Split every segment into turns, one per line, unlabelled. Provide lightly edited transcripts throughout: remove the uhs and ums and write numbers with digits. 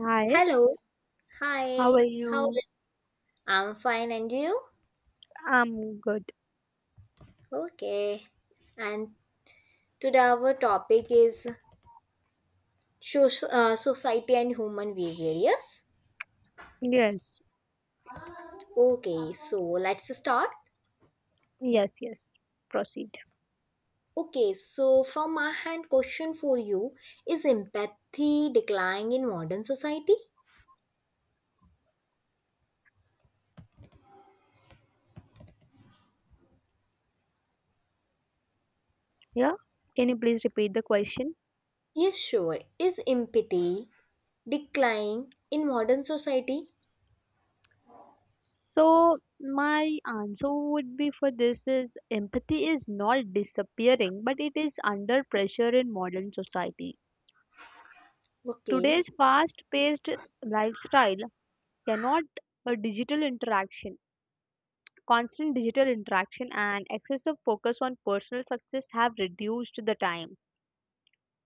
Hi,
Hello.
how
Hi.
are
How are
you?
you? I'm fine and you?
I'm good.
Okay. And today our topic is society and human behavior. Yes?
Yes,
Okay. So let's start.
yes, yes. Proceed.
Okay. So from my hand question for you is empathy declining in modern society?
Yeah. Can you please repeat the question?
Yes, sure. Is empathy declining in modern society?
So, my answer would be for this is empathy is not disappearing, but it is under pressure in modern society.
Okay.
Today's fast paced lifestyle cannot a digital interaction, constant digital interaction, and excessive focus on personal success have reduced the time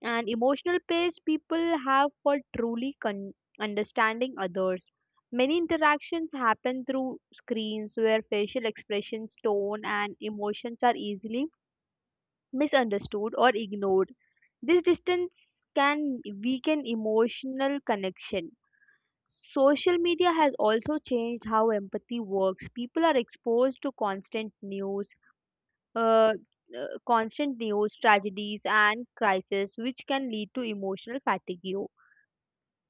and emotional pace people have for understanding others. Many interactions happen through screens where facial expressions, tone, and emotions are easily misunderstood or ignored. This distance can weaken emotional connection. Social media has also changed how empathy works. People are exposed to uh, uh, constant news, tragedies, and crises, which can lead to emotional fatigue.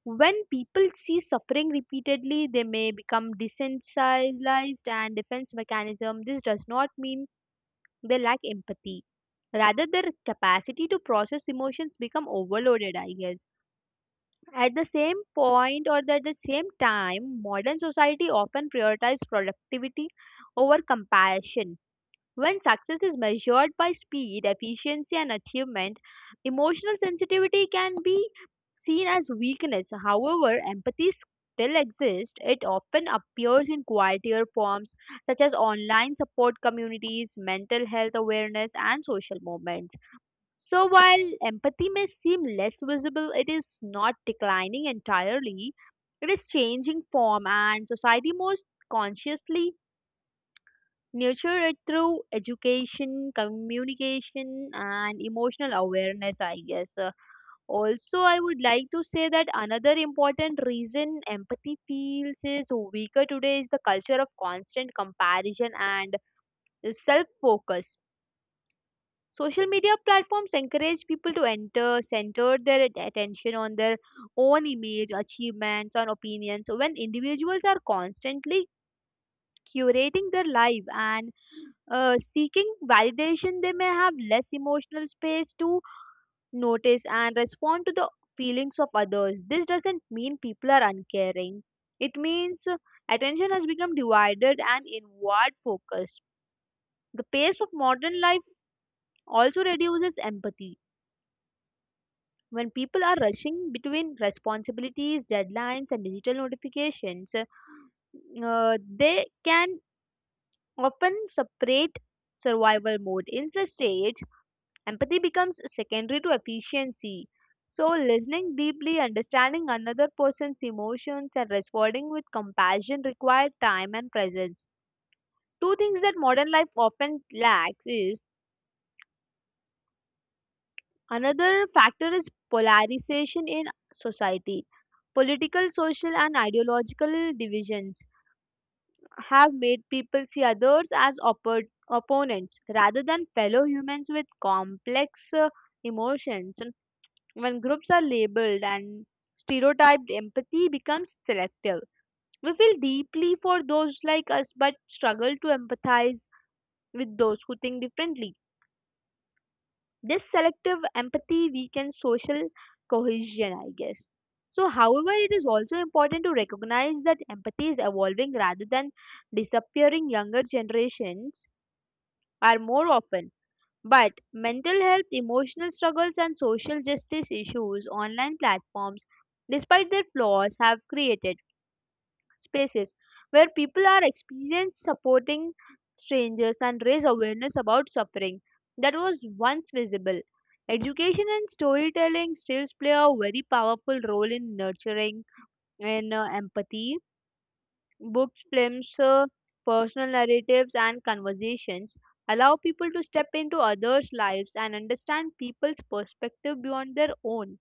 When people see suffering repeatedly, they may become desensitized and defense mechanism. This does not mean they lack empathy. Rather, their capacity to process emotions become overloaded, I guess. At the same point or at the same time, modern society often prioritizes productivity over compassion when success is measured by speed, efficiency, and achievement, emotional sensitivity can be seen as weakness. However, empathy still exists. It often appears in quieter forms such as online support communities, mental health awareness, and social movements. So, while empathy may seem less visible, it is not declining entirely. It is changing form, and society most consciously Nurture it through education, communication, and emotional awareness, I guess. Also, I would like to say that another important reason empathy feels is weaker today is the culture of constant comparison and self focus. Social media platforms encourage people to center their attention on their own image, achievements, and opinions. So, when individuals are constantly curating their life and seeking validation, they may have less emotional space to notice and respond to the feelings of others. This doesn't mean people are uncaring. It means attention has become divided and inward focused. The pace of modern life also reduces empathy. When people are rushing between responsibilities, deadlines, and digital notifications, they can often separate survival mode. In such state, empathy becomes secondary to efficiency. So, listening deeply, understanding another person's emotions, and responding with compassion require time and presence. Two things that modern life often lacks is another factor is polarization in society. Political, social, and ideological divisions have made people see others as opponents rather than fellow humans with complex emotions. When groups are labeled and stereotyped, empathy becomes selective. We feel deeply for those like us but struggle to empathize with those who think differently. This selective empathy weakens social cohesion, I guess. So, however, it is also important to recognize that empathy is evolving rather than disappearing. Younger generations are more often but mental health, emotional struggles, and social justice issues, online platforms, despite their flaws, have created spaces where people are experienced supporting strangers and raise awareness about suffering that was once visible. Education and storytelling still play a very powerful role in nurturing and empathy books, films, personal narratives, and conversations allow people to step into others' lives and understand people's perspective beyond their own.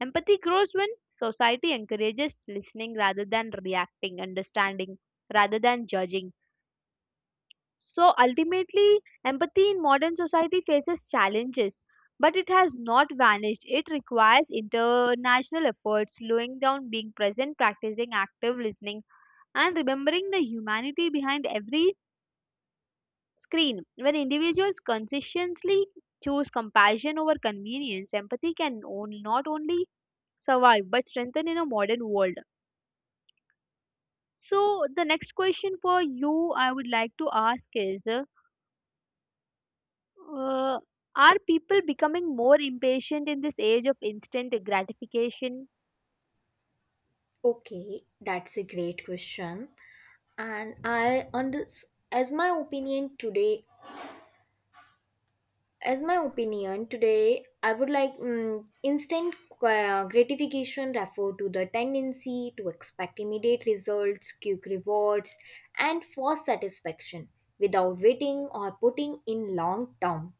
Empathy grows when society encourages listening rather than reacting, understanding rather than judging. So ultimately, empathy in modern society faces challenges, but it has not vanished. It requires international efforts, slowing down, being present, practicing active listening and remembering the humanity behind every screen. When individuals consistently choose compassion over convenience, empathy can not only survive but strengthen in a modern world. So, the next question for you I would like to ask is uh, are people becoming more impatient in this age of instant gratification?
Okay. That's a great question. And I on this, as my opinion today, as my opinion today, I would like instant gratification refer to the tendency to expect immediate results, quick rewards, and fast satisfaction without waiting or putting in long term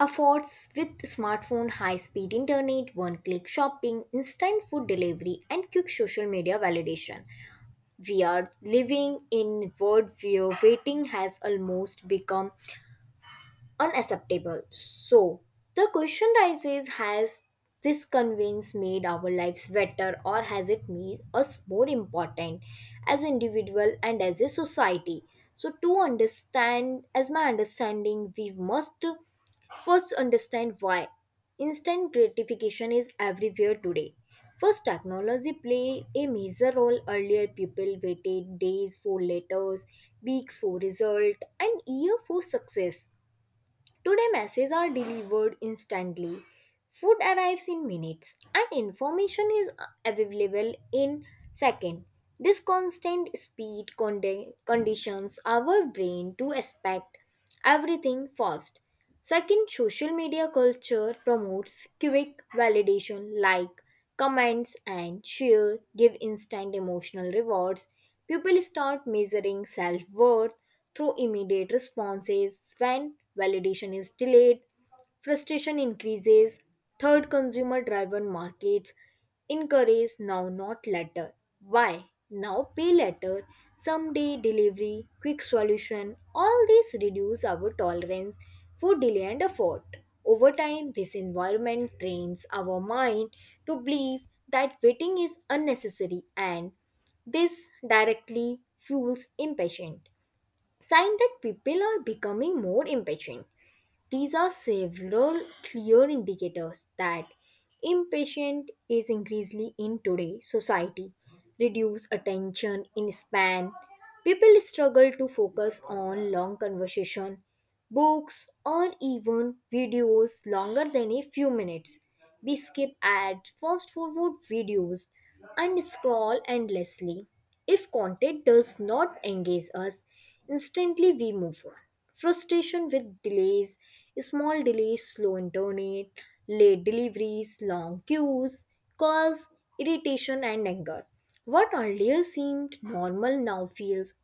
efforts. With smartphone, high speed internet, one click shopping, instant food delivery, and quick social media validation, we are living in world where waiting has almost become unacceptable. So the question rises, has this convenience made our lives better or has it made us more important as individual and as a society? So to understand, as my understanding, we must first understand why instant gratification is everywhere today. First, technology play a major role. Earlier people waited days for letters, weeks for result, and year for success. Today, messages are delivered instantly, food arrives in minutes, and information is available in seconds. This constant speed conditions our brain to expect everything fast. Second, social media culture promotes quick validation like comments and share give instant emotional rewards. People start measuring self worth through immediate responses. When validation is delayed, frustration increases. Third, consumer driven markets encourage now not later. Why now, pay later, someday delivery, quick solution, all these reduce our tolerance for delay and effort. Over time, this environment trains our mind to believe that waiting is unnecessary, and this directly fuels impatience. Sign that people are becoming more impatient. These are several clear indicators that impatient is increasingly in today's society. Reduced attention in span. People struggle to focus on long conversation, books, or even videos longer than a few minutes. We skip ads, fast forward videos, and scroll endlessly. If content does not engage us instantly, we move on. Frustration with delays, small delays, slow internet, late deliveries, long queues cause irritation and anger. What earlier seemed normal now feels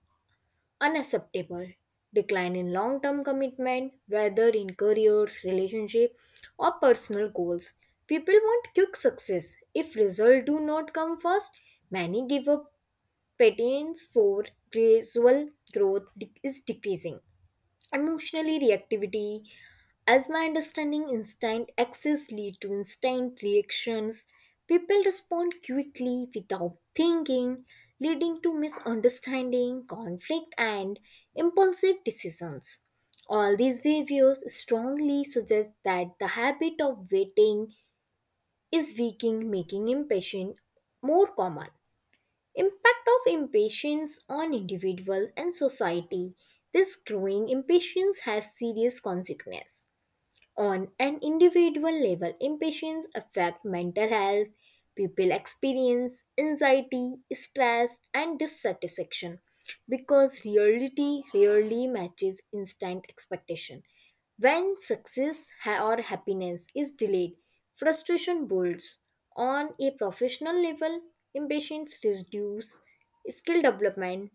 unacceptable. Decline in long term commitment, whether in careers, relationship, or personal goals. People want quick success. If results do not come fast, many give up patterns for gradual growth is decreasing. Emotionally reactivity, as my understanding, instant access lead to instant reactions. People respond quickly without thinking, leading to misunderstanding, conflict, and impulsive decisions. All these behaviors strongly suggest that the habit of waiting is weakening, making impatience more common. Impact of impatience on individuals and society. This growing impatience has serious consequences. On an individual level, impatience affects mental health. People experience anxiety, stress, and dissatisfaction because reality rarely matches instant expectation. When success or happiness is delayed, frustration builds. On a professional level, impatience reduces skill development.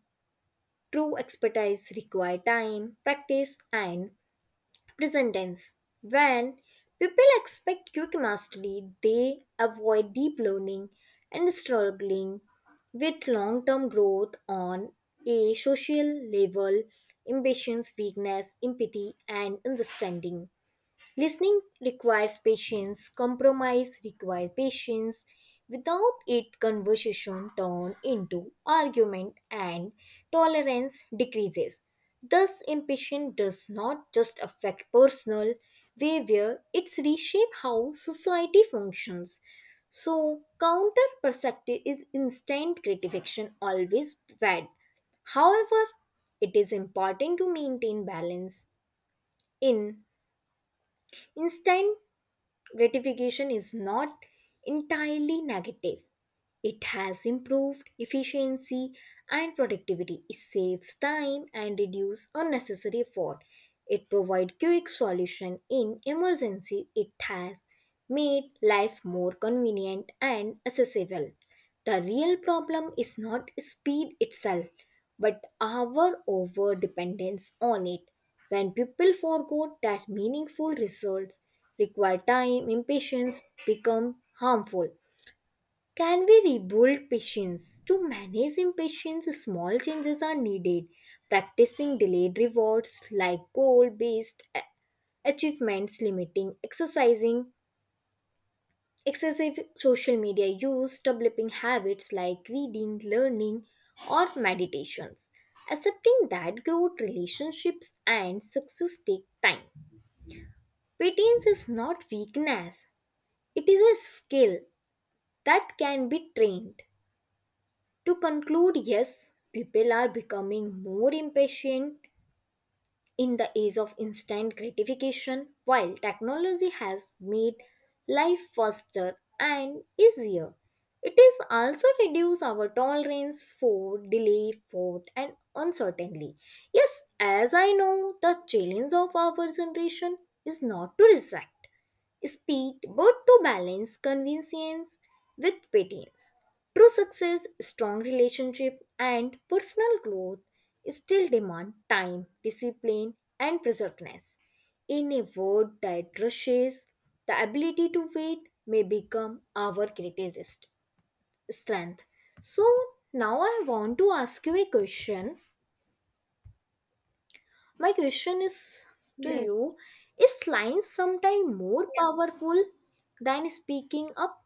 True expertise requires time, practice, and present tense. When people expect quick mastery, they avoid deep learning and struggling with long term growth. On a social level, impatience, weakness, empathy, and understanding. Listening requires patience, compromise requires patience. Without it, conversation turns into argument and tolerance decreases. Thus, impatience does not just affect personal behavior, it's reshape how society functions. So, counter perspective is instant gratification always bad. However, it is important to maintain balance in instant gratification is not entirely negative. It has improved efficiency and productivity. It saves time and reduces unnecessary effort. It provides quick solution in emergency. It has made life more convenient and accessible. The real problem is not speed itself, but our over dependence on it. When people forget that meaningful results require time, impatience become harmful. Can we rebuild patience? To manage impatience, small changes are needed. Practicing delayed rewards like goal based achievements, limiting exercising excessive social media use, developing habits like reading, learning, or meditations. Accepting that growth, relationships, and success take time. Patience is not weakness, it is a skill that can be trained. To conclude, yes, people are becoming more impatient in the age of instant gratification. While technology has made life faster and easier, it is also reduced our tolerance for delay, fraud, and uncertainty. Yes, as I know, the challenge of our generation is not to reject speed but to balance convenience with patience. True success, strong relationship, and personal growth still demand time, discipline, and preservedness. In a world that rushes, the ability to wait may become our greatest strength. So, now I want to ask you a question. My question is to
Yes. Yes.
you, is lines sometimes more powerful than speaking up?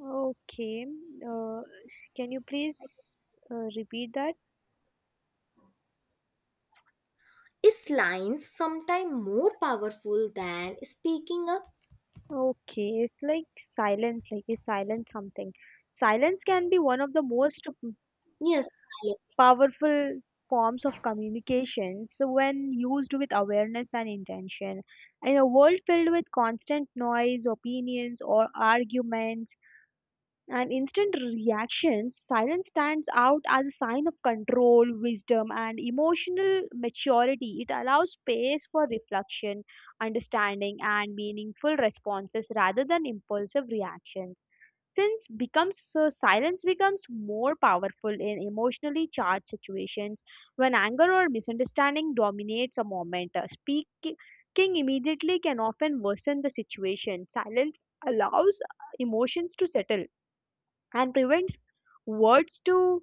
Okay. Uh, can you please repeat that?
Is lines sometimes more powerful than speaking up?
Okay, it's like silence, like is silence something. Silence can be one of the most
Yes, I.
powerful forms of communication so when used with awareness and intention. In a world filled with constant noise, opinions, or arguments, an instant reaction, silence stands out as a sign of control, wisdom, and emotional maturity. It allows space for reflection, understanding, and meaningful responses rather than impulsive reactions. Since becomes silence becomes more powerful in emotionally charged situations when anger or misunderstanding dominates a moment. Speaking immediately can often worsen the situation. Silence allows emotions to settle and prevents words to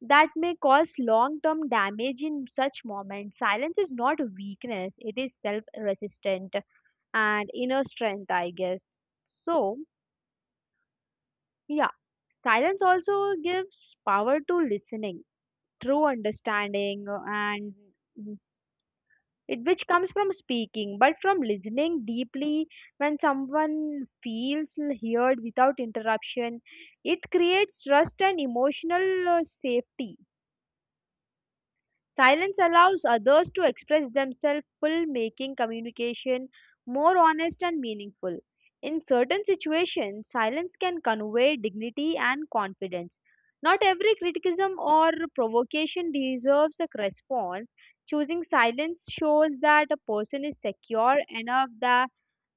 that may cause long term damage. In such moments silence is not weakness, it is self resistant and inner strength, I guess. So, yeah, silence also gives power to listening, true understanding and mm, it which comes from speaking but from listening deeply. When someone feels heard without interruption, it creates trust and emotional safety. Silence allows others to express themselves full, making communication more honest and meaningful. In certain situations, silence can convey dignity and confidence. Not every criticism or provocation deserves a response. Choosing silence shows that a person is secure enough that,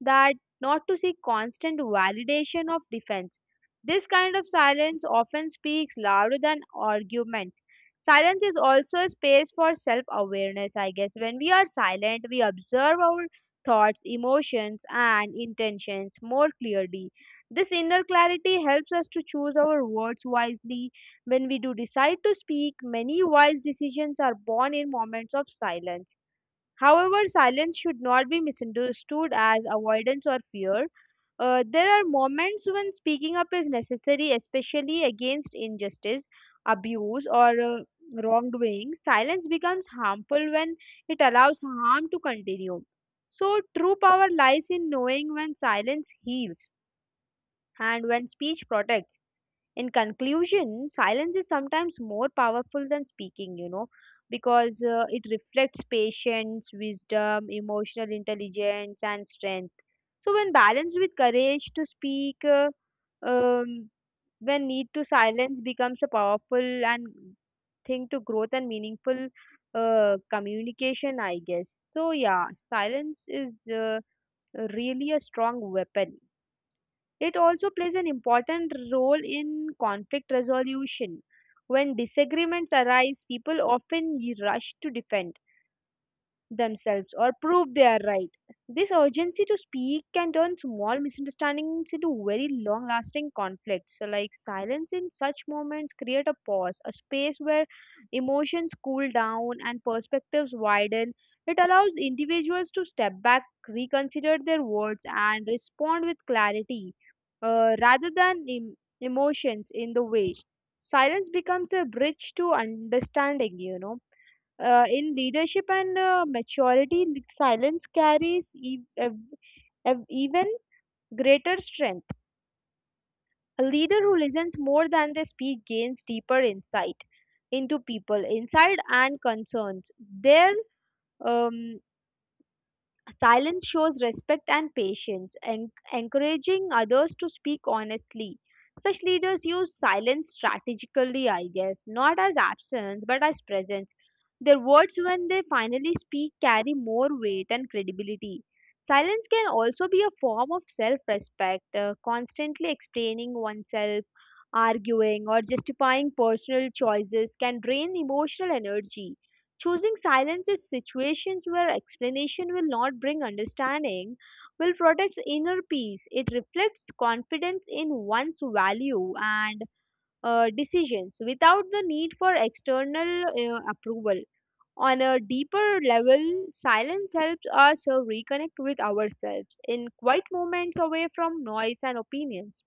that not to seek constant validation of defense. This kind of silence often speaks louder than arguments. Silence is also a space for self awareness, I guess. When we are silent, we observe our thoughts, emotions, and intentions more clearly. This inner clarity helps us to choose our words wisely. When we do decide to speak, many wise decisions are born in moments of silence. However, silence should not be misunderstood as avoidance or fear. There are moments when speaking up is necessary, especially against injustice, abuse, or wrongdoing. Silence becomes harmful when it allows harm to continue. So, true power lies in knowing when silence heals and when speech protects. In conclusion, silence is sometimes more powerful than speaking. Because it reflects patience, wisdom, emotional intelligence, and strength. So when balanced with courage to speak, um, when need to silence becomes a powerful and thing to growth and meaningful communication, I guess. So yeah, silence is really a strong weapon. It also plays an important role in conflict resolution. When disagreements arise, people often rush to defend themselves or prove they are right. This urgency to speak can turn small misunderstandings into very long lasting conflicts. So, like silence in such moments create a pause, a space where emotions cool down and perspectives widen. It allows individuals to step back, reconsider their words, and respond with clarity rather than emotions in the way. Silence becomes a bridge to understanding, you know. In leadership and maturity, silence carries even greater strength. A leader who listens more than they speak gains deeper insight into people, insight and concerns. Their um, silence shows respect and patience, encouraging others to speak honestly. Such leaders use silence strategically, I guess, not as absence but as presence. Their words, when they finally speak, carry more weight and credibility. Silence can also be a form of self respect, constantly explaining oneself. Arguing or justifying personal choices can drain emotional energy. Choosing silence is situations where explanation will not bring understanding, will protect inner peace. It reflects confidence in one's value and decisions without the need for external approval. On a deeper level, silence helps us reconnect with ourselves in quiet moments away from noise and opinions.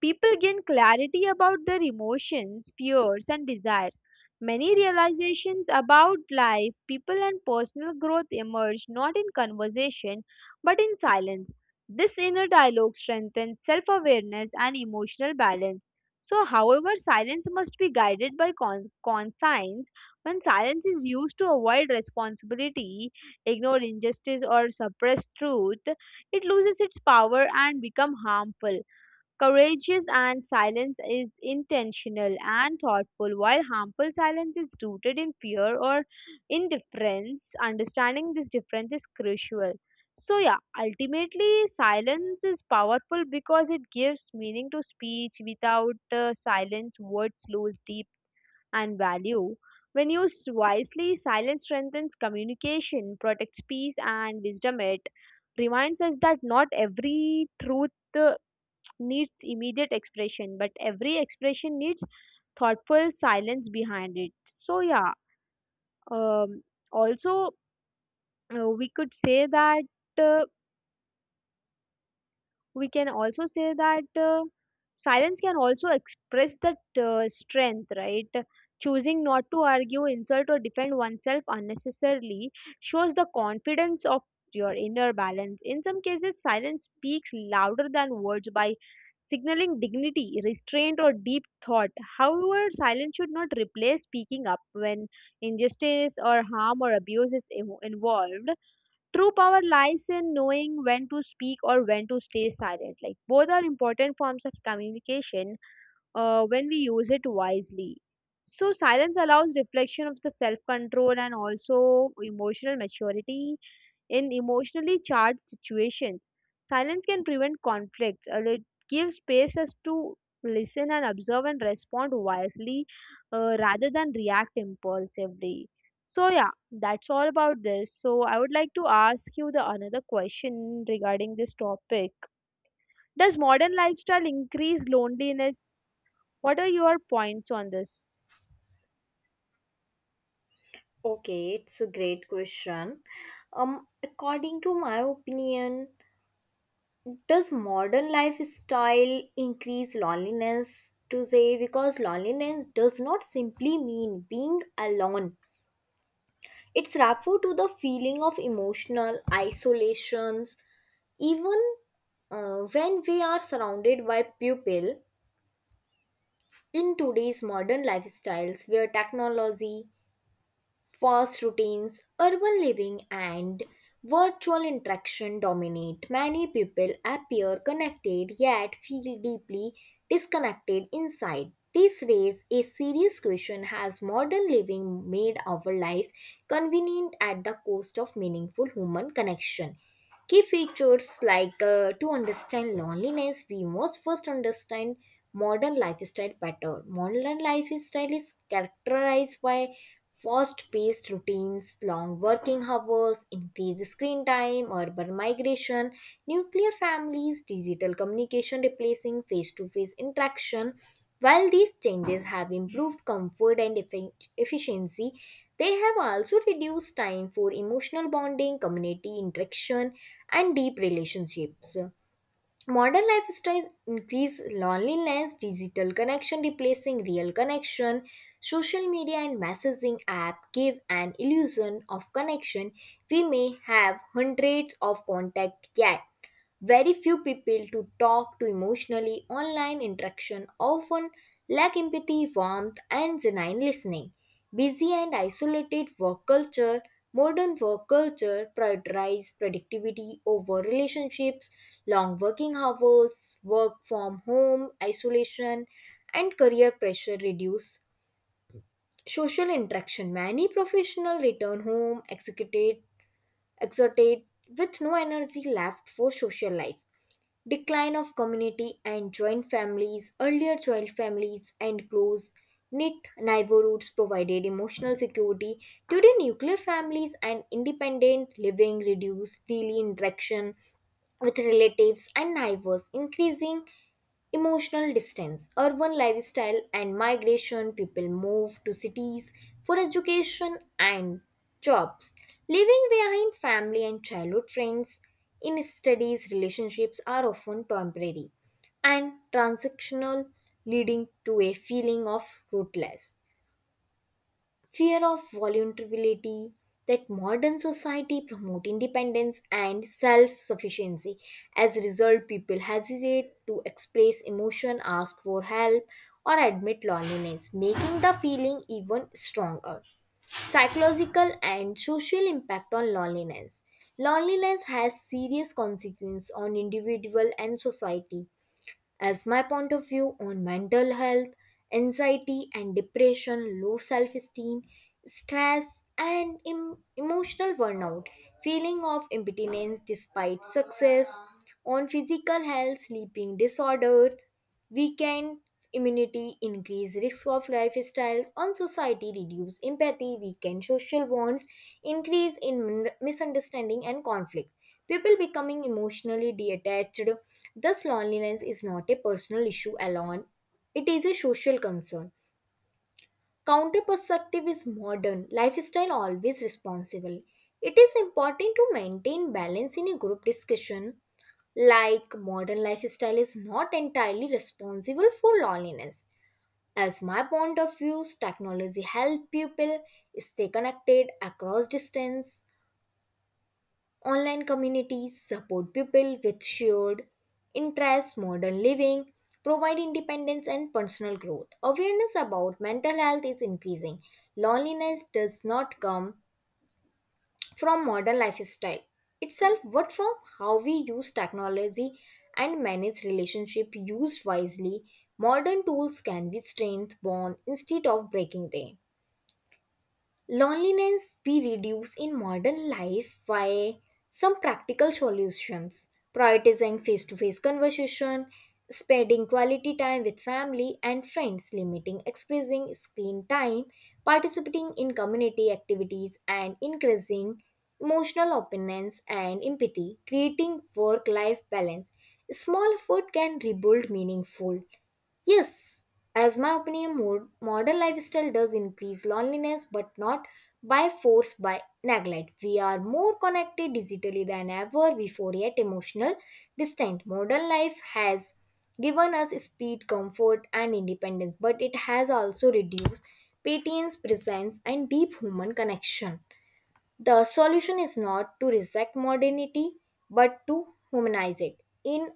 People gain clarity about their emotions, fears, and desires. Many realizations about life, people, and personal growth emerge not in conversation but in silence. This inner dialogue strengthens self awareness and emotional balance. So, however, silence must be guided by conscience. When silence is used to avoid responsibility, ignore injustice, or suppress truth, it loses its power and becomes harmful. Courageous and silence is intentional and thoughtful, while harmful silence is rooted in fear or indifference. Understanding this difference is crucial. So, yeah, ultimately, silence is powerful because it gives meaning to speech. Without silence, words lose deep and value. When used wisely, silence strengthens communication, protects peace, and wisdom. It reminds us that not every truth uh, needs immediate expression, but every expression needs thoughtful silence behind it. So, yeah, um, also, we could say that. Uh, we can also say that silence can also express that strength, right? Choosing not to argue insult or defend oneself unnecessarily shows the confidence of your inner balance. In some cases silence speaks louder than words by signaling dignity, restraint, or deep thought. However silence should not replace speaking up when injustice or harm or abuse is involved. True power lies in knowing when to speak or when to stay silent. Like both are important forms of communication when we use it wisely. So silence allows reflection of the self control and also emotional maturity. In emotionally charged situations, silence can prevent conflicts. It gives space us to listen and observe and respond wisely rather than react impulsively. So yeah, that's all about this. So I would like to ask you the another question regarding this topic. Does modern lifestyle increase loneliness? What are your points on this?
Okay, it's a great question. According to my opinion, does modern lifestyle increase loneliness to say? Because loneliness does not simply mean being alone. It's referred to the feeling of emotional isolations, even when we are surrounded by people. In today's modern lifestyles, where technology, fast routines, urban living, and virtual interaction dominate, many people appear connected yet feel deeply disconnected inside. This raises a serious question. Has modern living made our lives convenient at the cost of meaningful human connection? Key features like, to understand loneliness, we must first understand modern lifestyle better. Modern lifestyle is characterized by fast-paced routines, long working hours, increased screen time, urban migration, nuclear families, digital communication replacing face-to-face interaction. While these changes have improved comfort and efficiency, they have also reduced time for emotional bonding, community interaction, and deep relationships. Modern lifestyles increase loneliness, digital connection replacing real connection, social media and messaging app give an illusion of connection. We may have hundreds of contacts, yet very few people to talk to emotionally. Online interaction often lack empathy, warmth and genuine listening. Busy and isolated work culture. Modern work culture prioritizes productivity over relationships. Long working hours, work from home, isolation, and career pressure reduce social interaction. Many professionals return home executed, exhorted with no energy left for social life. Decline of community and joint families, earlier joint families, and close knit neighborhoods provided emotional security. Today, nuclear families and independent living reduce daily interaction with relatives and neighbors, increasing emotional distance, urban lifestyle, and migration. People move to cities for education and jobs, leaving behind family and childhood friends. In studies, relationships are often temporary and transactional, leading to a feeling of rootless, fear of vulnerability, that modern society promote independence and self-sufficiency. As a result, people hesitate to express emotion, ask for help, or admit loneliness, making the feeling even stronger. Psychological and social impact on loneliness. Loneliness has serious consequences on individual and society. As my point of view, on mental health, anxiety and depression, low self esteem, stress, and emotional burnout, feeling of impotence despite success. On physical health, sleeping disorder, weakened immunity, increase risk of lifestyles. On society, reduce empathy, weaken social bonds, increase in misunderstanding and conflict, people becoming emotionally detached. Thus, loneliness is not a personal issue alone, it is a social concern. Counter perspective is modern, lifestyle always responsible. It is important to maintain balance in a group discussion. Like modern lifestyle is not entirely responsible for loneliness. As my point of view, technology help people stay connected across distance. Online communities support people with shared interests, modern living, provide independence and personal growth. Awareness about mental health is increasing. Loneliness does not come from modern lifestyle itself, but from how we use technology and manage relationship used wisely. Modern tools can be strength bond instead of breaking them. Loneliness be reduced in modern life by some practical solutions, prioritizing face to face conversation, spending quality time with family and friends, limiting expressing screen time, participating in community activities, and increasing emotional openness and empathy, creating work life balance. Small effort can rebuild meaningful. Yes, as my opinion, modern lifestyle does increase loneliness, but not by force, by neglect. We are more connected digitally than ever before, yet emotional distant. Modern life has given us speed, comfort, and independence, but it has also reduced patience, presence, and deep human connection. The solution is not to reject modernity but to humanize it. In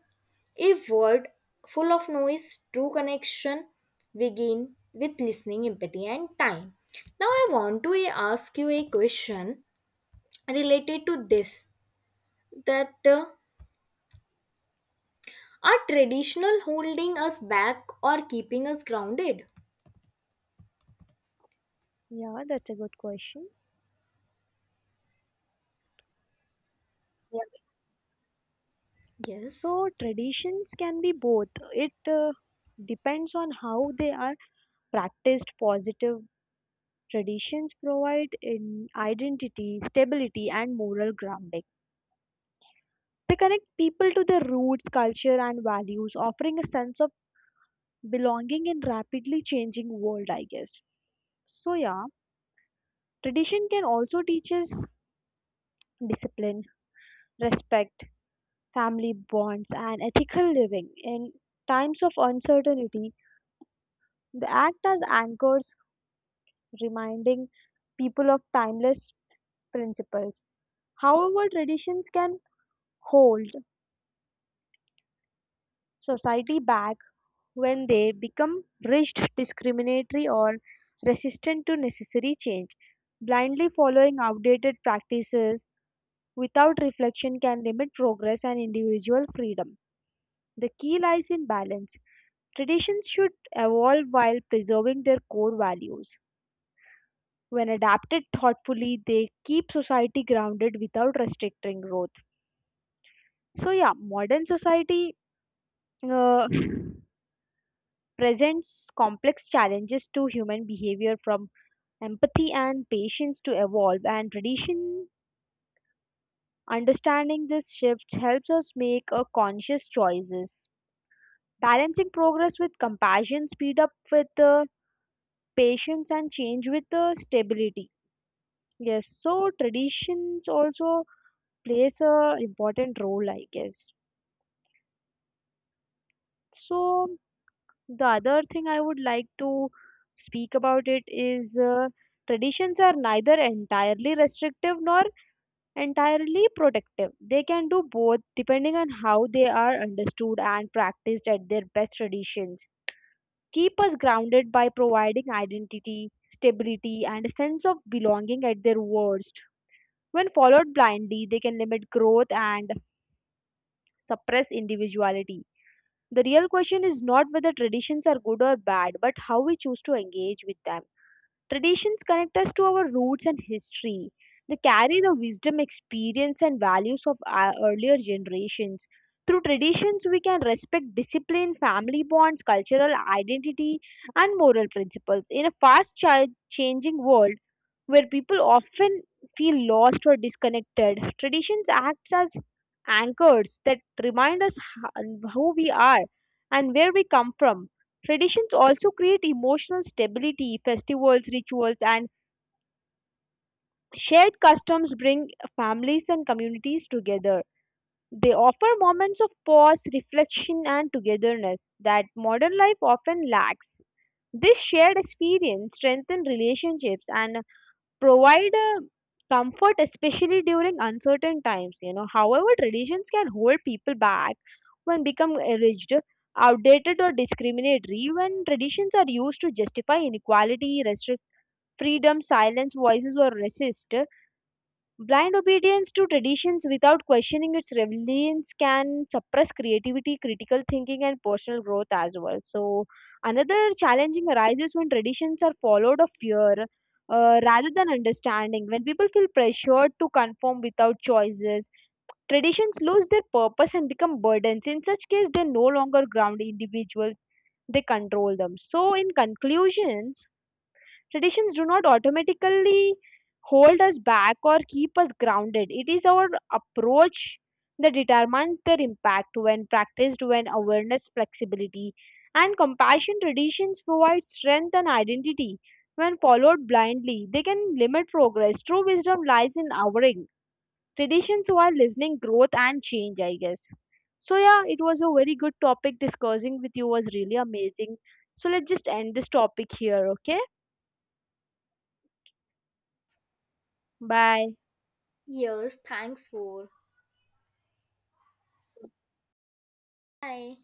a world full of noise, true connection begin with listening, empathy, and time. Now, I want to ask you a question related to this, that are traditional holding us back or keeping us grounded?
Yeah, that's a good question.
Yeah. Yes.
So traditions can be both. It depends on how they are practiced. Positive traditions provide in identity, stability, and moral grounding. They connect people to their roots, culture, and values, offering a sense of belonging in rapidly changing world, I guess. So yeah, tradition can also teach us discipline, respect, family bonds, and ethical living in times of uncertainty. They act as anchors reminding people of timeless principles. However, traditions can hold society back when they become rigid, discriminatory, or resistant to necessary change. Blindly following outdated practices without reflection can limit progress and individual freedom. The key lies in balance. Traditions should evolve while preserving their core values. When adapted thoughtfully, they keep society grounded without restricting growth. So yeah, modern society uh, presents complex challenges to human behavior, from empathy and patience to evolve and tradition. Understanding this shifts helps us make a conscious choices, balancing progress with compassion, speed up with patience, and change with stability. Yes, so traditions also plays a important role, I guess. So the other thing I would like to speak about it is traditions are neither entirely restrictive nor entirely protective. They can do both depending on how they are understood and practiced at their best. Traditions keep us grounded by providing identity, stability, and a sense of belonging at their worst. When followed blindly, they can limit growth and suppress individuality. The real question is not whether traditions are good or bad, but how we choose to engage with them. Traditions connect us to our roots and history. They carry the wisdom, experience, and values of our earlier generations. Through traditions, we can respect discipline, family bonds, cultural identity, and moral principles. In a fast changing world, where people often feel lost or disconnected, traditions acts as anchors that remind us who we are and where we come from. Traditions also create emotional stability. Festivals, rituals, and shared customs bring families and communities together. They offer moments of pause, reflection, and togetherness that modern life often lacks. This shared experience strengthens relationships and provide a comfort, especially during uncertain times. However, traditions can hold people back when become rigid, outdated, or discriminatory. When traditions are used to justify inequality, restrict freedom, silence voices, or resist, blind obedience to traditions without questioning its relevance can suppress creativity, critical thinking, and personal growth as well. So, another challenging arises when traditions are followed of fear rather than understanding. When people feel pressured to conform without choices, traditions lose their purpose and become burdens. In such case, they no longer ground individuals, they control them. So, in conclusions, traditions do not automatically hold us back or keep us grounded. It is our approach that determines their impact. When practiced when awareness, flexibility, and compassion, traditions provide strength and identity. When followed blindly, they can limit progress. True wisdom lies in honoring traditions while listening growth and change, I guess. So yeah, it was a very good topic discussing with you, was really amazing. So let's just end this topic here, okay? Bye.
Yes, thanks for. Bye.